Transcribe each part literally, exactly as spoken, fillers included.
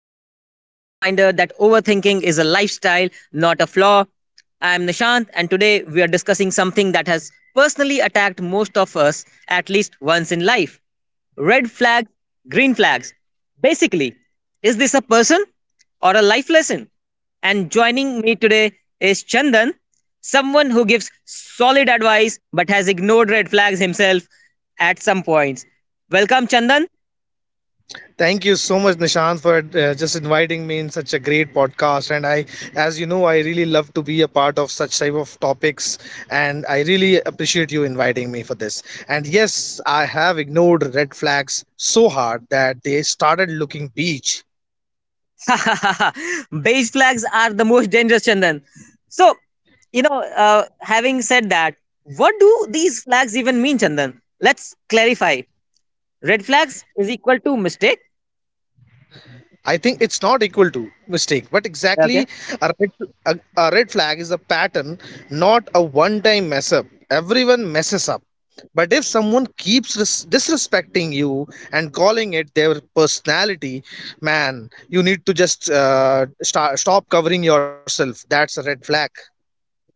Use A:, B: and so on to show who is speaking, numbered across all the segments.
A: w- your weekly reminder that overthinking is a lifestyle, not a flaw. I'm Nishant, and today we are discussing something that has personally attacked most of us at least once in life: red flags, green flags. Basically, is this a person or a life lesson? And joining me today is Chandan, someone who gives solid advice but has ignored red flags himself at some points. Welcome, Chandan.
B: Thank you so much, Nishant, for uh, just inviting me in such a great podcast. And I, as you know, I really love to be a part of such type of topics. And I really appreciate you inviting me for this. And yes, I have ignored red flags so hard that they started looking peach.
A: Beige flags are the most dangerous, Chandan. So, you know, uh, having said that, what do these flags even mean, Chandan? Let's clarify. Red flags is equal to mistake.
B: I think it's not equal to mistake, but
A: Okay.
B: exactly a red, a, a red flag is a pattern, not a one time mess up. Everyone messes up. But if someone keeps dis- disrespecting you and calling it their personality, man, you need to just uh, sta stop covering yourself. That's a red flag.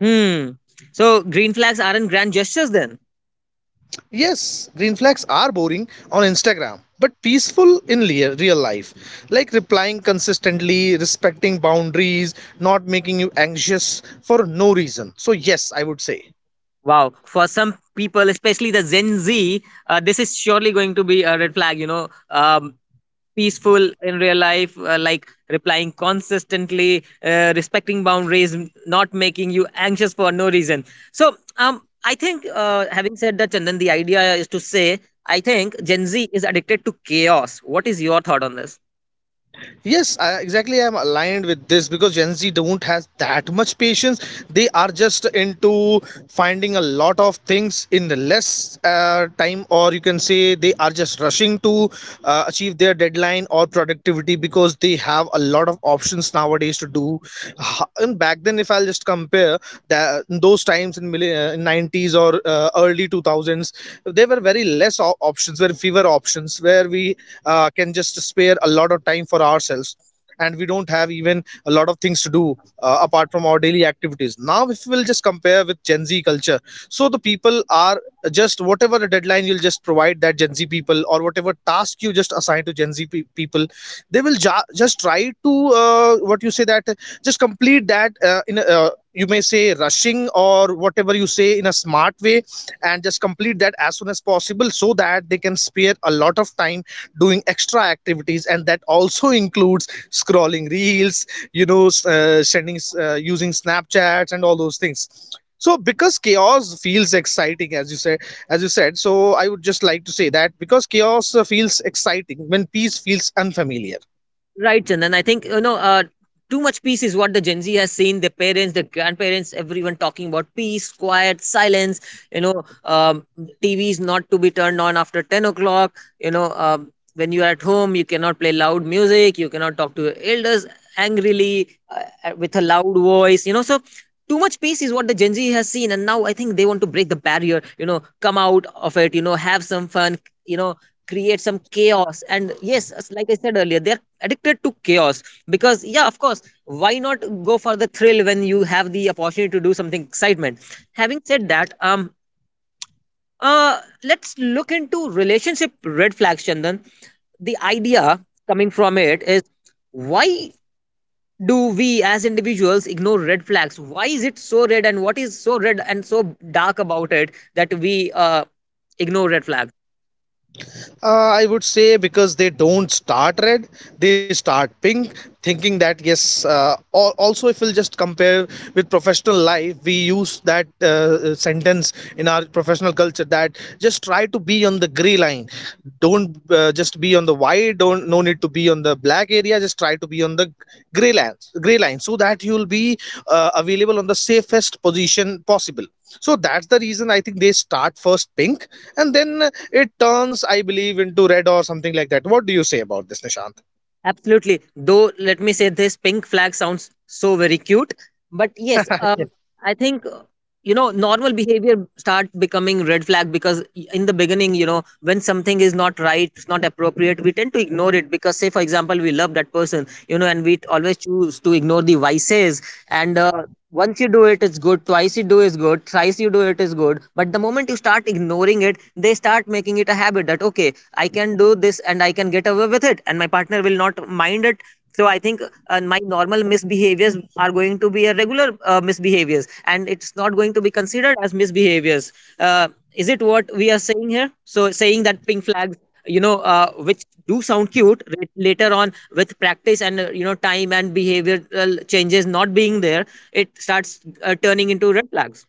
A: Hmm. So, green flags aren't grand gestures then.
B: Yes, green flags are boring on Instagram, but peaceful in lea- real life. Like replying consistently, respecting boundaries, not making you anxious for no reason. So, yes, I would say.
A: Wow. For some people, especially the Gen Z, uh, this is surely going to be a red flag. You know, um, peaceful in real life uh, like replying consistently, uh, respecting boundaries, n- not making you anxious for no reason. So, um I think, uh, having said that, Chandan, the idea is to say I think Gen Z is addicted to chaos. What is your thought on this?
B: Yes I, exactly, I'm aligned with this because Gen Z don't has that much patience. They are just into finding a lot of things in the less uh, time, or you can say they are just rushing to uh, achieve their deadline or productivity because they have a lot of options nowadays to do. Ha- and back then, if I'll just compare that those times in millenn- uh, nineties or uh, early two thousands, they were very very less options, very fewer options, where we uh, can just spare a lot of time for ourselves, and we don't have even a lot of things to do uh, apart from our daily activities. Now if we'll just compare with Gen Z culture, so the people are just whatever the deadline you'll just provide that Gen Z people, or whatever task you just assign to Gen Z pe- people, they will ja- just try to uh, what you say that uh, just complete that uh, in a, uh, you you may say rushing, or whatever you say, in a smart way, and just complete that as soon as possible so that they can spare a lot of time doing extra activities. And that also includes scrolling reels, you know, uh, sending uh, using snapchats and all those things. So because chaos feels exciting, as you said, as you said so, I would just like to say that because chaos uh, feels exciting when peace feels unfamiliar.
A: Right, Chandan. I think, you know uh, too much peace is what the Gen Z has seen. Their parents, their grandparents, everyone talking about peace, quiet, silence. You know, um, T Vs not to be turned on after ten o'clock. You know, um, when you are at home, you cannot play loud music. You cannot talk to your elders angrily uh, uh, with a loud voice. You know, so too much peace is what the Gen Z has seen, and now I think they want to break the barrier. You know, come out of it. You know, have some fun. You know, create some chaos. And yes, as like I said earlier, they're addicted to chaos because, yeah, of course, why not go for the thrill when you have the opportunity to do something excitement. Having said that, um uh let's look into relationship red flags, Chandan. The idea coming from it is, why do we as individuals ignore red flags? Why is it so red, and what is so red and so dark about it that we uh, ignore red flags?
B: uh, I would say because they don't start red, they start pink, thinking that yes. uh, al- also, if we'll just compare with professional life, we use that uh, uh, sentence in our professional culture, that just try to be on the gray line, don't uh, just be on the the white, don't, no need to be on the black area, just try to be on the gray lines gray line, so that you will be uh, available on the safest position possible. So that's the reason I think they start first pink, and then it turns, I believe, into red or something like that. What do you say about this, Nishant?
A: Absolutely. Though, let me say this pink flag sounds so very cute. But yes, um, I think, you know, normal behavior start becoming red flag because in the beginning, you know, when something is not right, it's not appropriate, we tend to ignore it because, say for example, we love that person, you know, and we always choose to ignore the vices. And uh, once you do it it's good, twice you do is good, thrice you do it is good, but the moment you start ignoring it they start making it a habit that okay, I can do this and I can get away with it and my partner will not mind it. So I think uh, my normal misbehaviors are going to be a regular uh, misbehaviors and it's not going to be considered as misbehaviors. uh, is it what we are saying here? So saying that pink flags, you know uh, which do sound cute, ra- later on, with practice and, uh, you know, time and behavioral changes not being there, it starts uh, turning into red flags.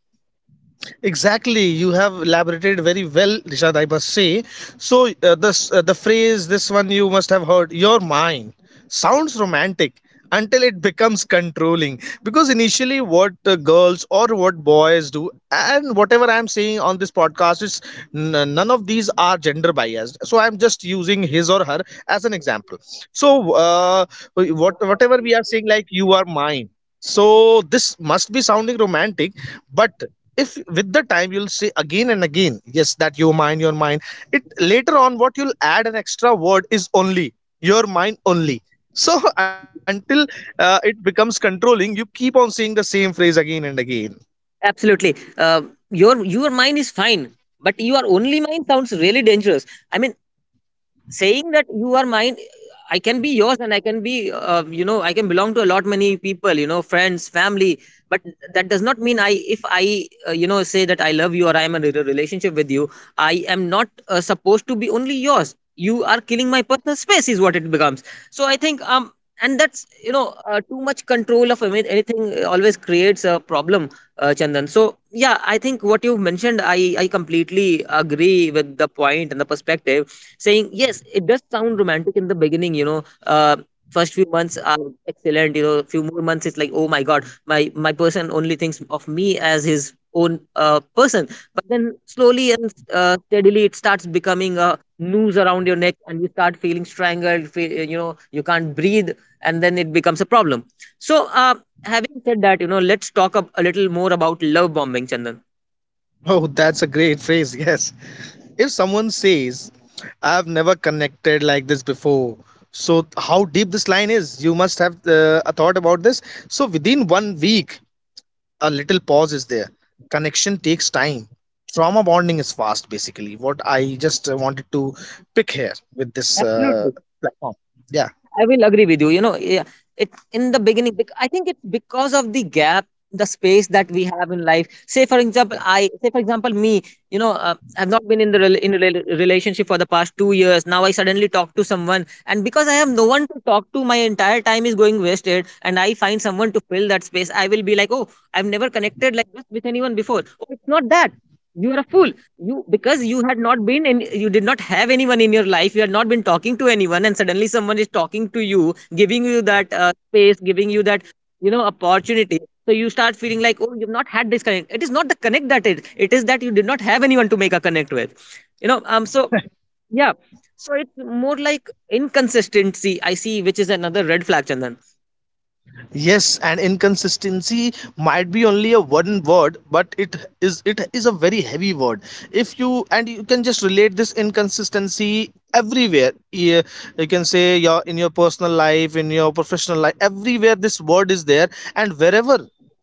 B: Exactly, you have elaborated very well, Rishad. I must say. So uh, this uh, the phrase, this one you must have heard. Your mind sounds romantic until it becomes controlling. Because initially, what uh, girls or what boys do, and whatever I am saying on this podcast, is n- none of these are gender biased. So I am just using his or her as an example. So uh, what whatever we are saying, like you are mine, so this must be sounding romantic. But if with the time you'll say again and again yes, that you mind your mind, it later on what you'll add an extra word is only, your mind only. So until uh, it becomes controlling, you keep on saying the same phrase again and again.
A: Absolutely. uh, your your mind is fine, but your only mind sounds really dangerous. I mean, saying that you are mine, I can be yours, and I can be, uh, you know, I can belong to a lot many people, you know, friends, family. But that does not mean I, if I, uh, you know, say that I love you or I am in a re- relationship with you, I am not uh, supposed to be only yours. You are killing my personal space is what it becomes. So I think, um and that's, you know, uh, too much control of any- anything uh, always creates a problem, uh, Chandan. So yeah, I think what you've mentioned, i i completely agree with the point and the perspective. Saying yes, it does sound romantic in the beginning, you know uh, first few months are excellent, you know, few more months it's like, oh my god, my my person only thinks of me as his own uh, person. But then slowly and, uh, steadily, it starts becoming a noose around your neck and you start feeling strangled, fe- you know, you can't breathe, and then it becomes a problem. So, uh, having said that, you know, let's talk a, a little more about love bombing, Chandan.
B: Oh, that's a great phrase. Yes, if someone says, "I've never connected like this before," so how deep this line is, you must have uh, a thought about this. So within one week, a little pause is there. Connection takes time, trauma bonding is fast. Basically, what I just uh, wanted to pick here with this uh,
A: Absolutely.
B: platform. Yeah.
A: I will agree with you. You know, yeah, it in the beginning. bec- I think it's because of the gap, the space that we have in life. Say, for example, I say, for example, me. You know, uh, I've not been in the rel- in a rel- relationship for the past two years. Now I suddenly talk to someone, and because I have no one to talk to, my entire time is going wasted. And I find someone to fill that space. I will be like, oh, I've never connected like this with anyone before. Oh, it's not that you are a fool. You, because you had not been in, you did not have anyone in your life, you had not been talking to anyone, and suddenly someone is talking to you, giving you that, uh, space, giving you that, you know, opportunity. So you start feeling like, oh, you've not had this connect. It is not the connect that, it it is that you did not have anyone to make a connect with, you know um so yeah. So it's more like inconsistency, I see, which is another red flag, Chandan.
B: Yes, and inconsistency might be only a one word, but it is it is a very heavy word. If you, and you can just relate this inconsistency everywhere. Yeah, you can say your, in your personal life, in your professional life, everywhere this word is there. And wherever,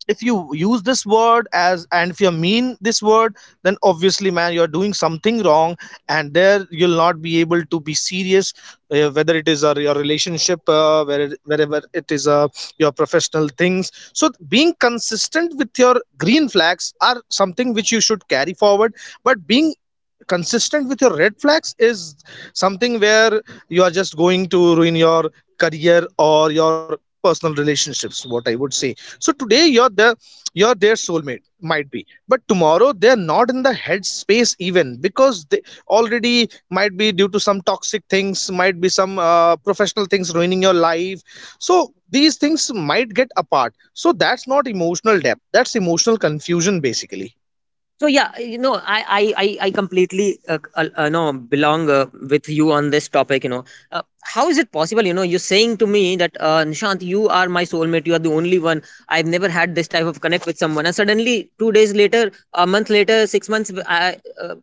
B: if you use this word as, and if you mean this word, then obviously, man, you're doing something wrong, and there you'll not be able to be serious, uh, whether it is a, your relationship, uh, where, wherever it is, uh, your professional things. So being consistent with your green flags are something which you should carry forward. But being consistent with your red flags is something where you are just going to ruin your career or your personal relationships, what I would say. So today you're the you're their soulmate, might be, but tomorrow they're not in the head space, even because they already might be, due to some toxic things, might be some uh, professional things ruining your life. So these things might get apart. So that's not emotional depth, that's emotional confusion basically.
A: So yeah, you know, i i i, I completely uh, uh, uh, know belong, uh, with you on this topic. You know, uh, how is it possible, you know, you're saying to me that, uh, Nishant, you are my soulmate, you are the only one, I've never had this type of connect with someone, and suddenly two days later, a month later, six months, I, uh,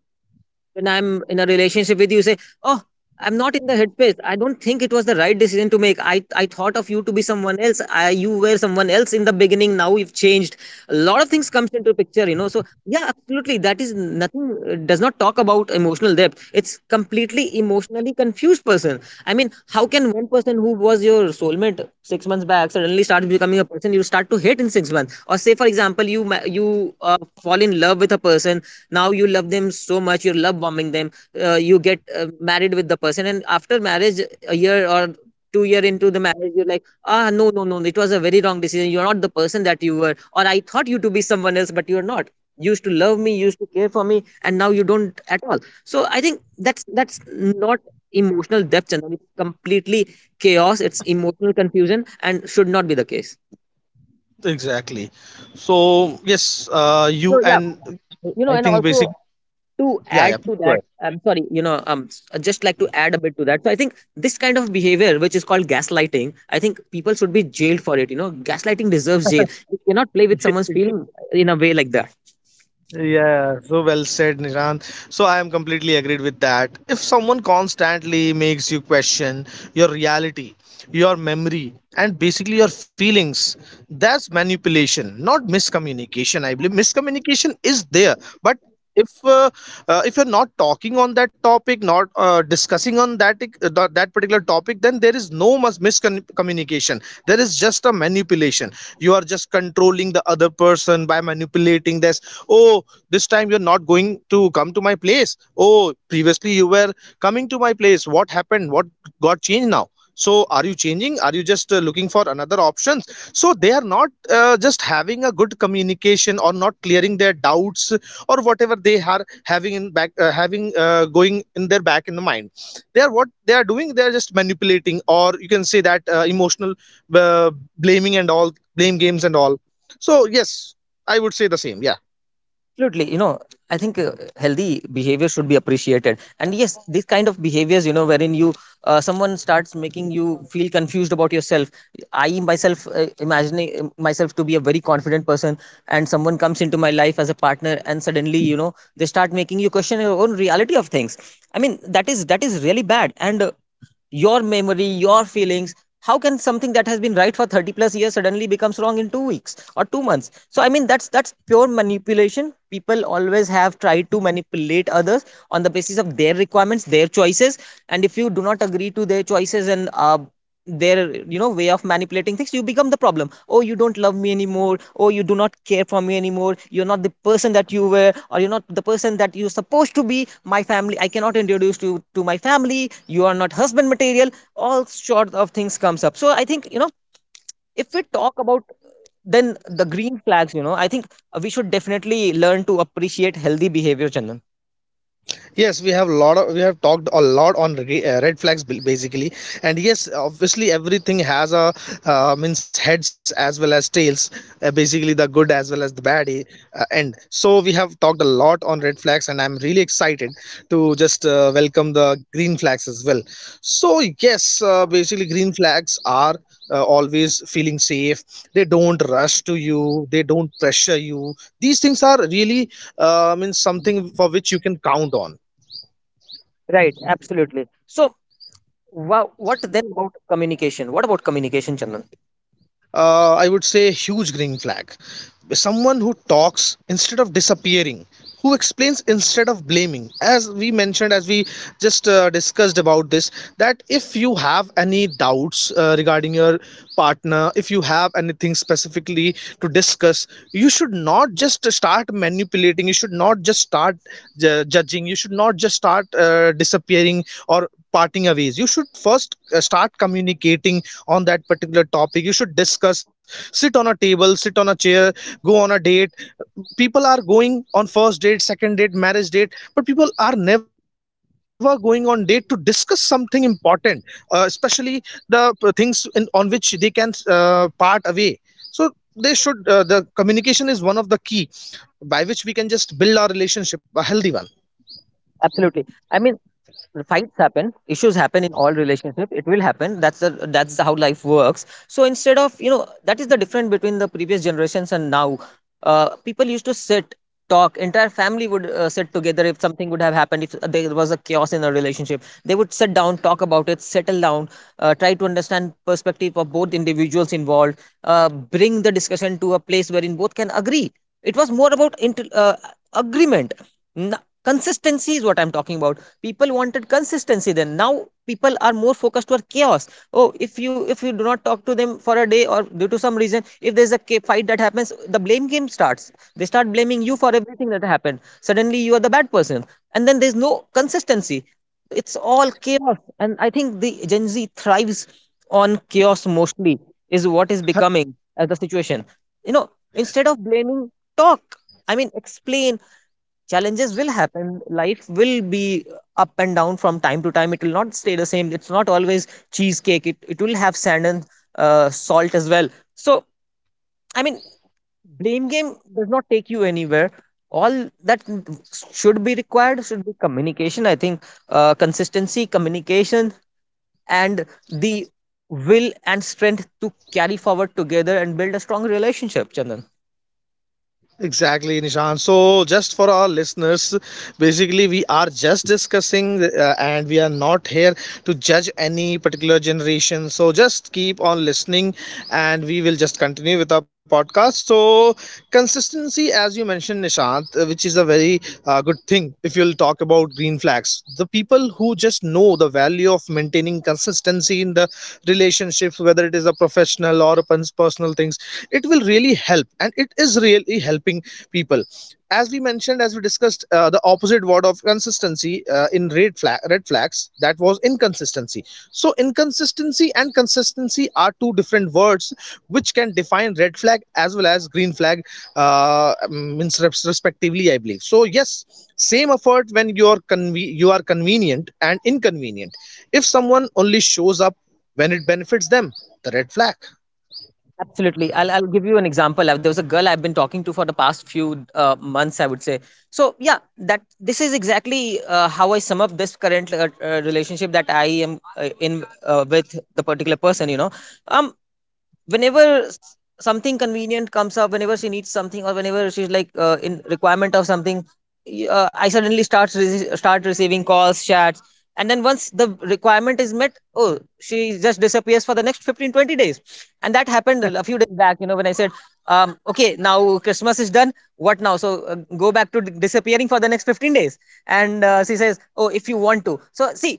A: when I'm in a relationship with you, you say, "Oh, I'm not in the headspace. I don't think it was the right decision to make. I I thought of you to be someone else. I, you were someone else in the beginning. Now you've changed. A lot of things comes into picture, you know." So yeah, absolutely. That is nothing. uh, Does not talk about emotional depth. It's completely emotionally confused person. I mean, how can one person who was your soulmate six months back suddenly start becoming a person you start to hate in six months? Or say, for example, you ma- you, uh, fall in love with a person, now you love them so much, you're love bombing them, uh, you get uh, married with the person, and after marriage, a year or two year into the marriage, you're like, ah, no, no, no, it was a very wrong decision, you're not the person that you were, or I thought you to be someone else but you're not. You used to love me, you used to care for me, and now you don't at all. So I think that's that's not emotional depth, and it's completely chaos, it's emotional confusion, and should not be the case.
B: Exactly. So yes, uh,
A: So
B: you
A: yeah,
B: and
A: you know,
B: I
A: and
B: think
A: also
B: basic.
A: to
B: Yeah,
A: add
B: yeah.
A: to
B: Go
A: that, I'm sorry, you know, um s- I'd just like to add a bit to that. So I think this kind of behavior which is called gaslighting, I think people should be jailed for it. You know, gaslighting deserves jail. You cannot play with someone's
B: ahead.
A: feeling in a way like that.
B: Yeah, so well said, Nishant. So I am completely agreed with that. If someone constantly makes you question your reality, your memory, and basically your feelings, that's manipulation, not miscommunication. I believe miscommunication is there, but if uh, uh, if you're not talking on that topic, not uh, discussing on that uh, th- that particular topic, then there is no mus- miscommunication, there is just a manipulation. You are just controlling the other person by manipulating this. Oh, this time you're not going to come to my place. Oh, previously you were coming to my place. What happened, what got changed now? So are you changing, are you just uh, looking for another options? So they are not uh, just having a good communication or not clearing their doubts, or whatever they are having in back, uh, having uh, going in their back in the mind. They are, what they are doing, they are just manipulating, or you can say that uh, emotional uh, blaming and all, blame games and all. So yes, I would say the same. Yeah.
A: Absolutely. You know, I think, uh, healthy behavior should be appreciated, and yes, these kind of behaviors, you know, wherein you, uh, someone starts making you feel confused about yourself. I myself uh, imagining myself to be a very confident person, and someone comes into my life as a partner, and suddenly, you know, they start making you question your own reality of things. I mean, that is, that is really bad. And uh, your memory, your feelings, how can something that has been right for thirty plus years suddenly becomes wrong in two weeks or two months? So I mean, that's that's pure manipulation. People always have tried to manipulate others on the basis of their requirements, their choices. And if you do not agree to their choices and, uh, their, you know, way of manipulating things, you become the problem. Oh, you don't love me anymore. Oh, you do not care for me anymore. You're not the person that you were, or you're not the person that you're supposed to be. My family, I cannot introduce you to my family. You are not husband material. All sort of things comes up. So I think, you know, if we talk about then the green flags, you know, I think, uh, we should definitely learn To appreciate healthy behavior, Chandan.
B: Yes, we have lot of, we have talked a lot on re- uh, red flags ba- basically. And yes, obviously everything has a uh, means, heads as well as tails, uh, basically the good as well as the bad, eh, uh, end. So we have talked a lot on red flags, and I'm really excited to just uh, welcome the green flags as well. So yes, uh, basically green flags are uh, always feeling safe. They don't rush to you, they don't pressure you. These things are really uh, means something for which you can count on.
A: Right, absolutely. So, wow, what then about communication? What about communication, Chandan?
B: uh, I would say, huge green flag. Someone who talks instead of disappearing, who explains instead of blaming. As we mentioned, as we just uh, discussed about this, that if you have any doubts uh, regarding your partner, if you have anything specifically to discuss, you should not just start manipulating, you should not just start ju- judging, you should not just start uh, disappearing or parting away ways. You should first uh, start communicating on that particular topic, you should discuss. Sit on a table, sit on a chair, go on a date. People are going on first date, second date, marriage date, but people are never going on date to discuss something important, uh, especially the uh, things in, on which they can uh, part away. So they should uh, the communication is one of the key by which we can just build our relationship a healthy one.
A: Absolutely. I mean, fights happen, issues happen in all relationships. It will happen. That's the, that's how life works. So instead of, you know, that is the difference between the previous generations and now. Uh, people used to sit, talk. Entire family would uh, sit together. If something would have happened, if there was a chaos in a relationship, they would sit down, talk about it, settle down, uh, try to understand perspective of both individuals involved, uh, bring the discussion to a place wherein both can agree. It was more about inter- uh, agreement. N- Consistency is what I'm talking about. People wanted consistency then. Now people are more focused toward chaos. Oh, if you, if you do not talk to them for a day, or due to some reason if there's a ca- fight that happens, the blame game starts. They start blaming you for everything that happened. Suddenly you are the bad person, and then there's no consistency. It's all chaos, and I think the Gen Z thrives on chaos mostly is what is becoming as the situation, you know. Instead of blaming, talk. I mean, explain. Challenges will happen. Life will be up and down from time to time. It will not stay the same. It's not always cheesecake. It, it will have sand and uh, salt as well. So, I mean, blame game does not take you anywhere. All that should be required should be communication, I think. Uh, consistency, communication, and the will and strength to carry forward together and build a strong relationship, Chandan.
B: Exactly, Nishan. So, just for our listeners, basically, we are just discussing uh, and we are not here to judge any particular generation. So, just keep on listening and we will just continue with our podcast. So, consistency, as you mentioned, Nishant, uh, which is a very uh, good thing if you'll talk about green flags. The people who just know the value of maintaining consistency in the relationships, whether it is a professional or a pers- personal things, it will it will really help, and it is really helping people. As we mentioned, as we discussed, uh, the opposite word of consistency uh, in red flag red flags, that was inconsistency. So inconsistency and consistency are two different words which can define red flag as well as green flag, uh, um, means, respectively, I believe. So yes, same effort when you are conve- you are convenient and inconvenient. If someone only shows up when it benefits them, the red flag.
A: Absolutely. I'll, I'll give you an example. Uh, There was a girl I've been talking to for the past few uh, months, I would say. So, yeah, that this is exactly uh, how I sum up this current uh, uh, relationship that I am uh, in uh, with the particular person, you know. Um, Whenever s- something convenient comes up, whenever she needs something, or whenever she's like uh, in requirement of something, y- uh, I suddenly start rece- start receiving calls, chats, and then once the requirement is met, oh, she just disappears for the next fifteen twenty days. And that happened a few days back, you know, when I said, um, okay, now Christmas is done, what now? So uh, go back to d- disappearing for the next fifteen days. And uh, she says, oh, if you want to, so see,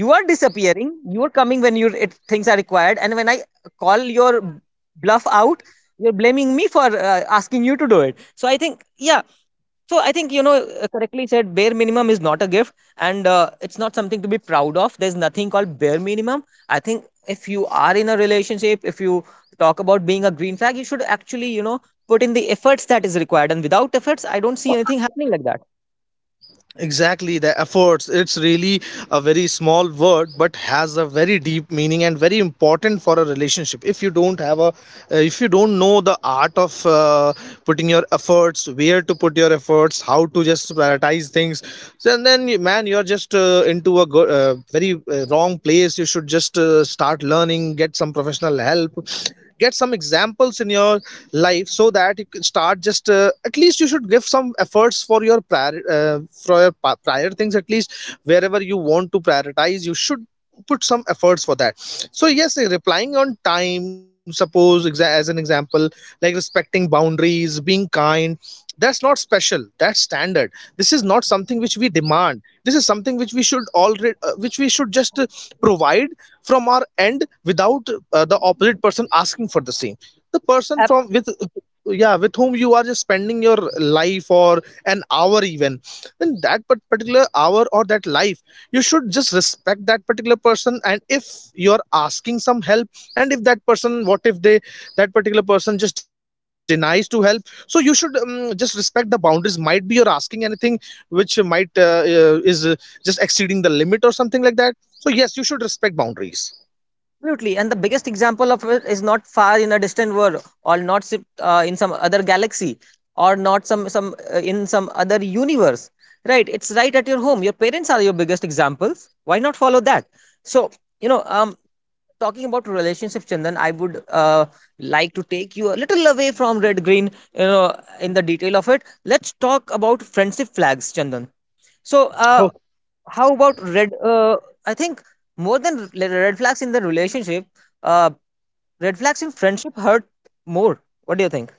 A: you are disappearing, you are coming when you it, things are required, and when I call your bluff out, you're blaming me for uh, asking you to do it. So I think, yeah, so I think, you know, uh, correctly said, bare minimum is not a gift, and uh, it's not something to be proud of. There's nothing called bare minimum. I think if you are in a relationship, if you talk about being a green flag, you should actually, you know, put in the efforts that is required, and without efforts, I don't see anything happening like that.
B: Exactly, the efforts. It's really a very small word, but has a very deep meaning, and very important for a relationship. If you don't have a, uh, if you don't know the art of uh, putting your efforts, where to put your efforts, how to just prioritize things, then then you- man, you're just uh, into a go- uh, very uh, wrong place. You should just uh, start learning, get some professional help, get some examples in your life so that you can start just uh, at least you should give some efforts for your prior uh, for your prior things, at least wherever you want to prioritize you should put some efforts for that. So yes, uh, replying on time, suppose, as an example, like respecting boundaries, being kind, that's not special, that's standard. This is not something which we demand, this is something which we should already uh, which we should just uh, provide from our end without uh, the opposite person asking for the same. The person from with, yeah, with whom you are just spending your life or an hour even, then that part- particular hour or that life, you should just respect that particular person. And if you're asking some help and if that person, what if they, that particular person just denies to help, so you should um, just respect the boundaries. Might be you're asking anything which might uh, uh, is uh, just exceeding the limit or something like that. So yes, you should respect boundaries.
A: Absolutely, and the biggest example of it is not far in a distant world, or not si- uh, in some other galaxy, or not some some uh, in some other universe. Right? It's right at your home. Your parents are your biggest examples. Why not follow that? So, you know, um, talking about relationships, Chandan, I would uh, like to take you a little away from red green. You know, in the detail of it, let's talk about friendship flags, Chandan. So, uh,
B: Okay.
A: how about red? Uh, I think more than re- red flags in the relationship. Uh, Red flags in friendship hurt more. What do you think?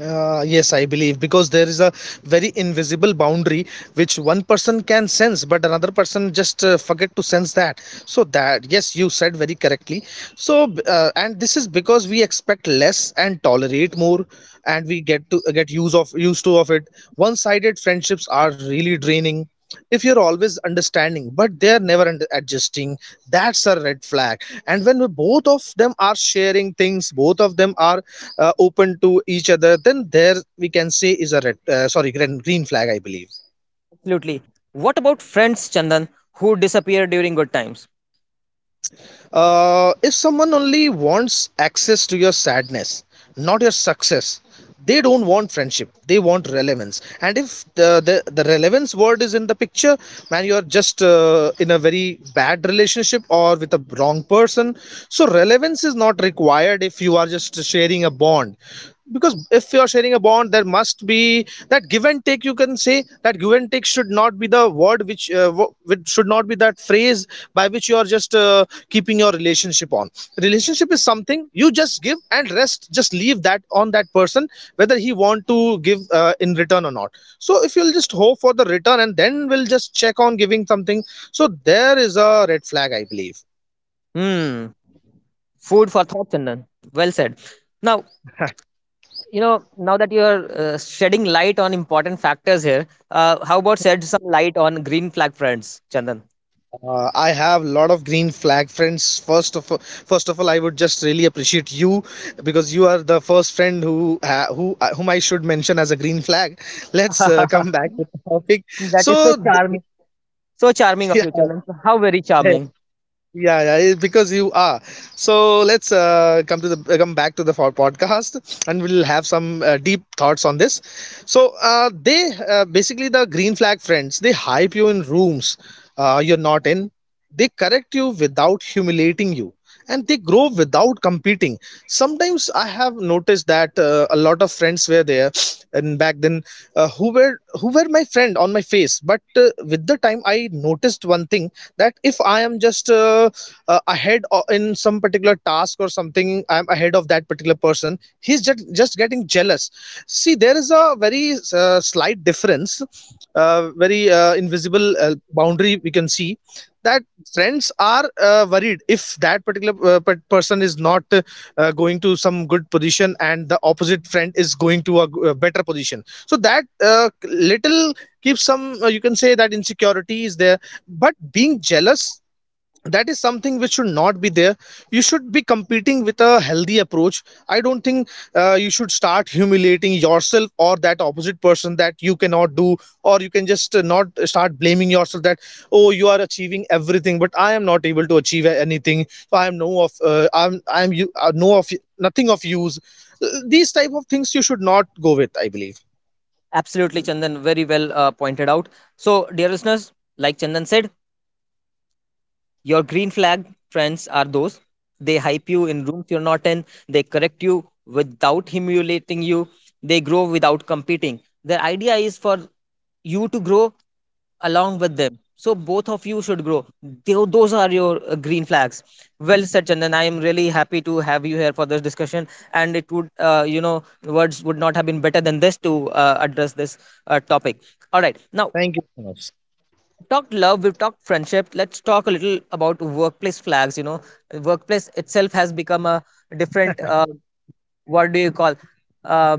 B: Uh, yes, I believe, because there is a very invisible boundary which one person can sense, but another person just uh, forget to sense that. So that, yes, you said very correctly. So uh, and this is because we expect less and tolerate more, and we get to get use of used to of it. One-sided friendships are really draining if you're always understanding but they're never under- adjusting. That's a red flag. And when both of them are sharing things, both of them are uh, open to each other, then there we can say is a red uh, sorry green green flag, I believe.
A: Absolutely. What about friends, Chandan, who disappear during good times?
B: Uh, if someone only wants access to your sadness, not your success, they don't want friendship. They want relevance. And if the the, the relevance word is in the picture, man, you're just uh, in a very bad relationship or with a wrong person. So relevance is not required if you are just sharing a bond, because if you're sharing a bond there must be that give and take. You can say that give and take should not be the word which, uh, wo- which should not be that phrase by which you are just uh, keeping your relationship on. Relationship is something you just give and rest, just leave that on that person, whether he want to give uh, in return or not. So if you'll just hope for the return and then we'll just check on giving something, so there is a red flag, I believe.
A: Hmm. Food for thought, Chandan. Well said. Now, you know, now that you are uh, shedding light on important factors here, uh, how about shed some light on green flag friends, Chandan?
B: Uh, I have a lot of green flag friends. First of first of all, I would just really appreciate you because you are the first friend who ha- who uh, whom I should mention as a green flag. Let's uh,
A: That
B: come back to the topic. So,
A: is so charming. So charming of
B: yeah,
A: you, Chandan. How very charming.
B: yeah yeah it- because you are, so let's uh, come to the uh, come back to the for- podcast, and we'll have some uh, deep thoughts on this. So uh, they uh, basically the green flag friends, they hype you in rooms uh, you're not in. They correct you without humiliating you, and they grow without competing. Sometimes I have noticed that uh, a lot of friends were there, and back then, uh, who were who were my friend on my face, but uh, with the time I noticed one thing, that if I am just uh, uh, ahead o- in some particular task, or something I'm ahead of that particular person, he's just just getting jealous. See, there is a very uh, slight difference, uh, very uh, invisible uh, boundary we can see, that friends are uh, worried if that particular uh, person is not uh, uh, going to some good position and the opposite friend is going to a a better position. So that uh, little keeps some, uh, you can say that insecurity is there, but being jealous, that is something which should not be there. You should be competing with a healthy approach. I don't think uh, you should start humiliating yourself or that opposite person, that you cannot do, or you can just uh, not start blaming yourself that, oh, you are achieving everything but I am not able to achieve anything, so I am no of uh, I'm I'm you uh, no of, nothing of use. Uh, these type of things you should not go with, I believe.
A: Absolutely, Chandan. Very well uh, pointed out. So, dear listeners, like Chandan said, your green flag friends are those. They hype you in rooms you're not in. They correct you without humiliating you. They grow without competing. Their idea is for you to grow along with them. So both of you should grow. Tho- Those are your uh, green flags. Well said, Chandan. I am really happy to have you here for this discussion. And it would, uh, you know, words would not have been better than this to uh, address this uh, topic. All right. Now,
B: Thank you so much.
A: talked love, we've talked friendship. Let's talk a little about workplace flags. You know, workplace itself has become a different. Uh, what do you call? Uh,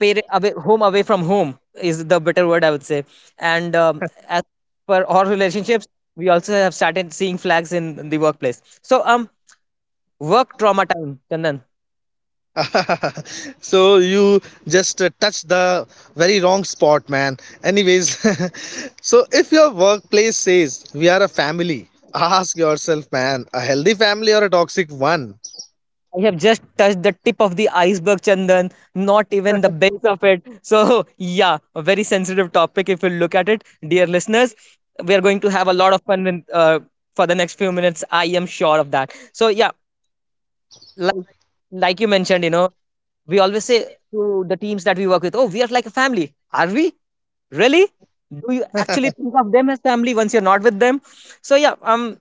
A: pare- away, home away from home is the better word, I would say. And um, as per our relationships, we also have started seeing flags in, in the workplace. So, um, work trauma time, Chandan.
B: So you just uh, touched the very wrong spot, man. Anyways, so if your workplace says we are a family, ask yourself, man, a healthy family or a toxic one?
A: I have just touched the tip of the iceberg, Chandan, not even the base of it. So, yeah, a very sensitive topic if you look at it. Dear listeners, we are going to have a lot of fun in, uh, for the next few minutes. I am sure of that. So, yeah, like, like you mentioned, you know, we always say to the teams that we work with, oh, we are like a family. Are we? Really? Do you actually think of them as family once you're not with them? So, yeah, um,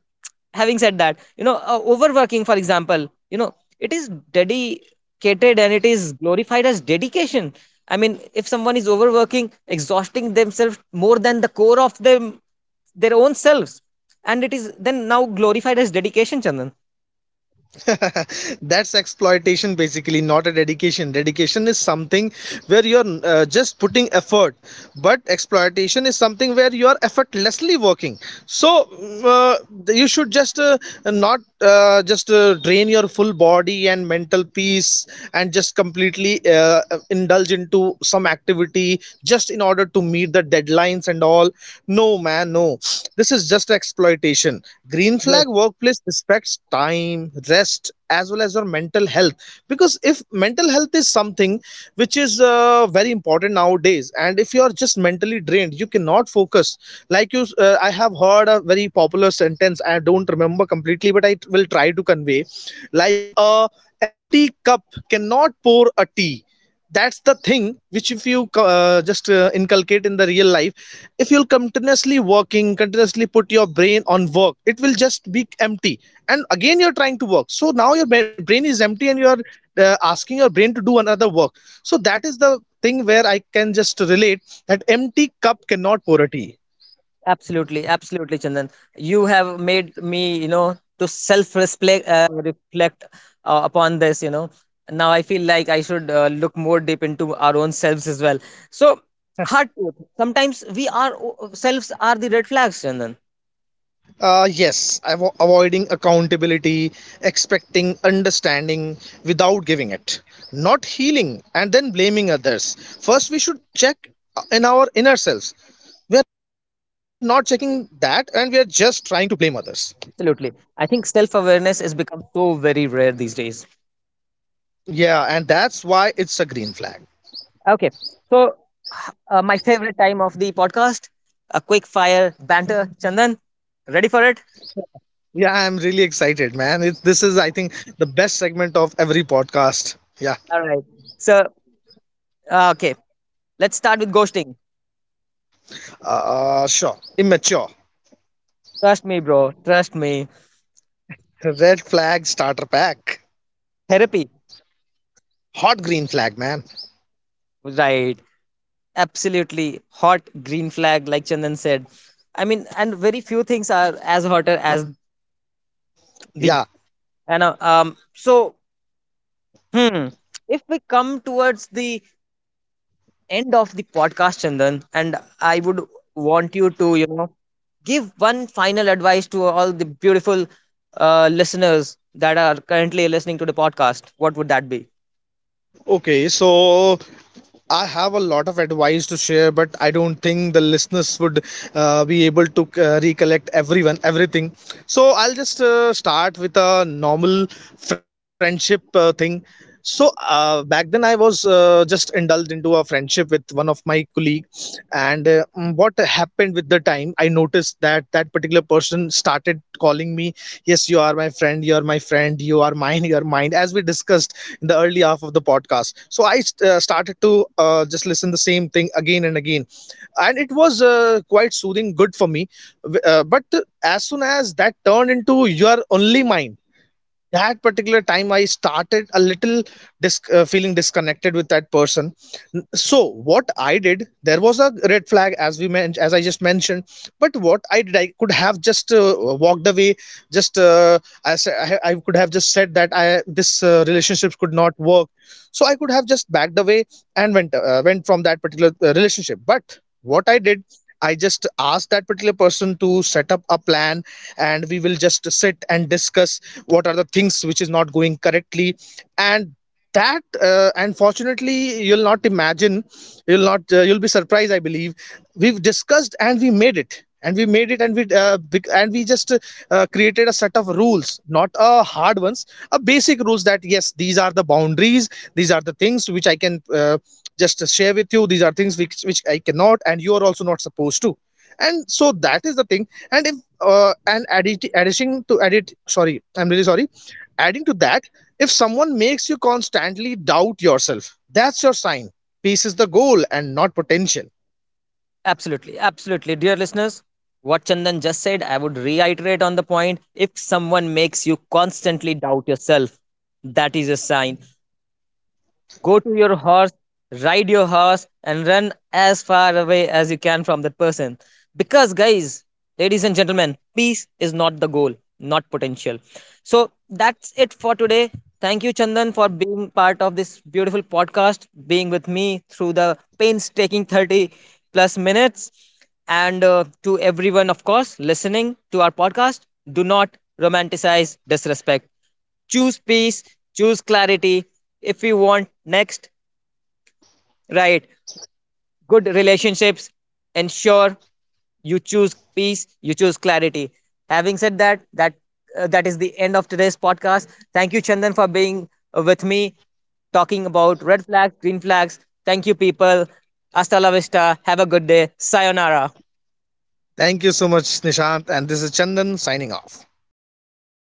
A: having said that, you know, uh, overworking, for example, you know, it is dedicated and it is glorified as dedication. I mean, if someone is overworking, exhausting themselves more than the core of them, their own selves, and it is then now glorified as dedication, Chandan.
B: That's exploitation, basically, not a dedication. Dedication is something where you're uh, just putting effort, but exploitation is something where you are effortlessly working. So uh, you should just uh, not uh, just uh, drain your full body and mental peace and just completely uh, indulge into some activity just in order to meet the deadline deadlines and all. No, man, no. This is just exploitation. Green flag workplace respects time, rest, as well as your mental health. Because if mental health is something which is uh, very important nowadays, and if you are just mentally drained, you cannot focus. Like you, uh, I have heard a very popular sentence. I don't remember completely, but I t- will try to convey. Like a empty cup cannot pour a tea. That's the thing which, if you uh, just uh, inculcate in the real life, if you'll continuously working, continuously put your brain on work, it will just be empty, and again you're trying to work, so now your ba- brain is empty and you're uh, asking your brain to do another work. So that is the thing where I can just relate, that empty cup cannot pour a tea.
A: Absolutely, absolutely, Chandan. You have made me, you know, to self-reflect, uh, reflect uh, upon this. You know, now I feel like I should uh, look more deep into our own selves as well. So, hard truth. Sometimes we are selves are the red flags, Chandan.
B: Uh, yes, avo- avoiding accountability, expecting understanding without giving it, not healing and then blaming others. First, we should check in our inner selves. We are not checking that and we are just trying to blame others.
A: Absolutely, I think self-awareness has become so very rare these days.
B: Yeah, and that's why it's a green flag.
A: Okay, so h- uh, my favorite time of the podcast, a quick fire banter, Chandan. Ready for it?
B: Yeah, I'm really excited, man. It, this is, I think, the best segment of every podcast. Yeah,
A: All right. So, uh, okay. Let's start with ghosting.
B: uh, sure. Immature.
A: Trust me, bro. Trust me.
B: Red flag starter pack.
A: Therapy.
B: Hot green flag, man.
A: Right. Absolutely. Hot green flag, like Chandan said. I mean, and very few things are as hotter as these.
B: Yeah.
A: And uh, um, so, hmm, if we come towards the end of the podcast, Chandan, and I would want you to, you know, give one final advice to all the beautiful uh, listeners that are currently listening to the podcast. What would that be?
B: Okay, so I have a lot of advice to share, but I don't think the listeners would uh, be able to uh, recollect everyone, everything. So I'll just uh, start with a normal friendship uh, thing. So uh, back then I was uh, just indulged into a friendship with one of my colleague, and uh, mm, what happened with the time, I noticed that that particular person started calling me, yes, you are my friend, you are my friend, you are mine, you are mine, as we discussed in the early half of the podcast. So I uh, started to uh, just listen the same thing again and again. And it was uh, quite soothing, good for me. Uh, but as soon as that turned into, you are only mine, that particular time I started a little dis- uh, feeling disconnected with that person. So what I did, there was a red flag, as we men- as I just mentioned. But what I did, I could have just uh, walked away, just uh, I, sa- I I could have just said that, I, this uh, relationship could not work, so I could have just backed away and went uh, went from that particular uh, relationship. But what I did, I just asked that particular person to set up a plan, and we will just sit and discuss what are the things which is not going correctly. And that, uh, unfortunately, you'll not imagine, you'll not uh, you'll be surprised, I believe. We've discussed and we made it and we made it and we uh, and we just uh, created a set of rules, not uh, hard ones, a basic rules, that yes, these are the boundaries, these are the things which I can uh, just share with you, these are things which, which I cannot, and you are also not supposed to. And so that is the thing. And if uh, and adding addition to edit, sorry, I'm really sorry, adding to that, if someone makes you constantly doubt yourself, that's your sign. Peace is the goal and not potential.
A: Absolutely, absolutely. Dear listeners, what Chandan just said, I would reiterate on the point. If someone makes you constantly doubt yourself, that is a sign. Go to your horse, ride your horse, and run as far away as you can from that person. Because, guys, ladies and gentlemen, peace is not the goal, not potential. So, that's it for today. Thank you, Chandan, for being part of this beautiful podcast, being with me through the painstaking thirty plus minutes. And uh, to everyone, of course, listening to our podcast, do not romanticize disrespect. Choose peace, choose clarity. If you want next, right? Good relationships, ensure you choose peace, you choose clarity. Having said that that uh, that is the end of today's podcast. Thank you, Chandan, for being uh, with me, talking about red flags, green flags. Thank you, people. Hasta la vista. Have a good day. Sayonara.
B: Thank you so much, Nishant. And this is Chandan signing off.
A: Signing off.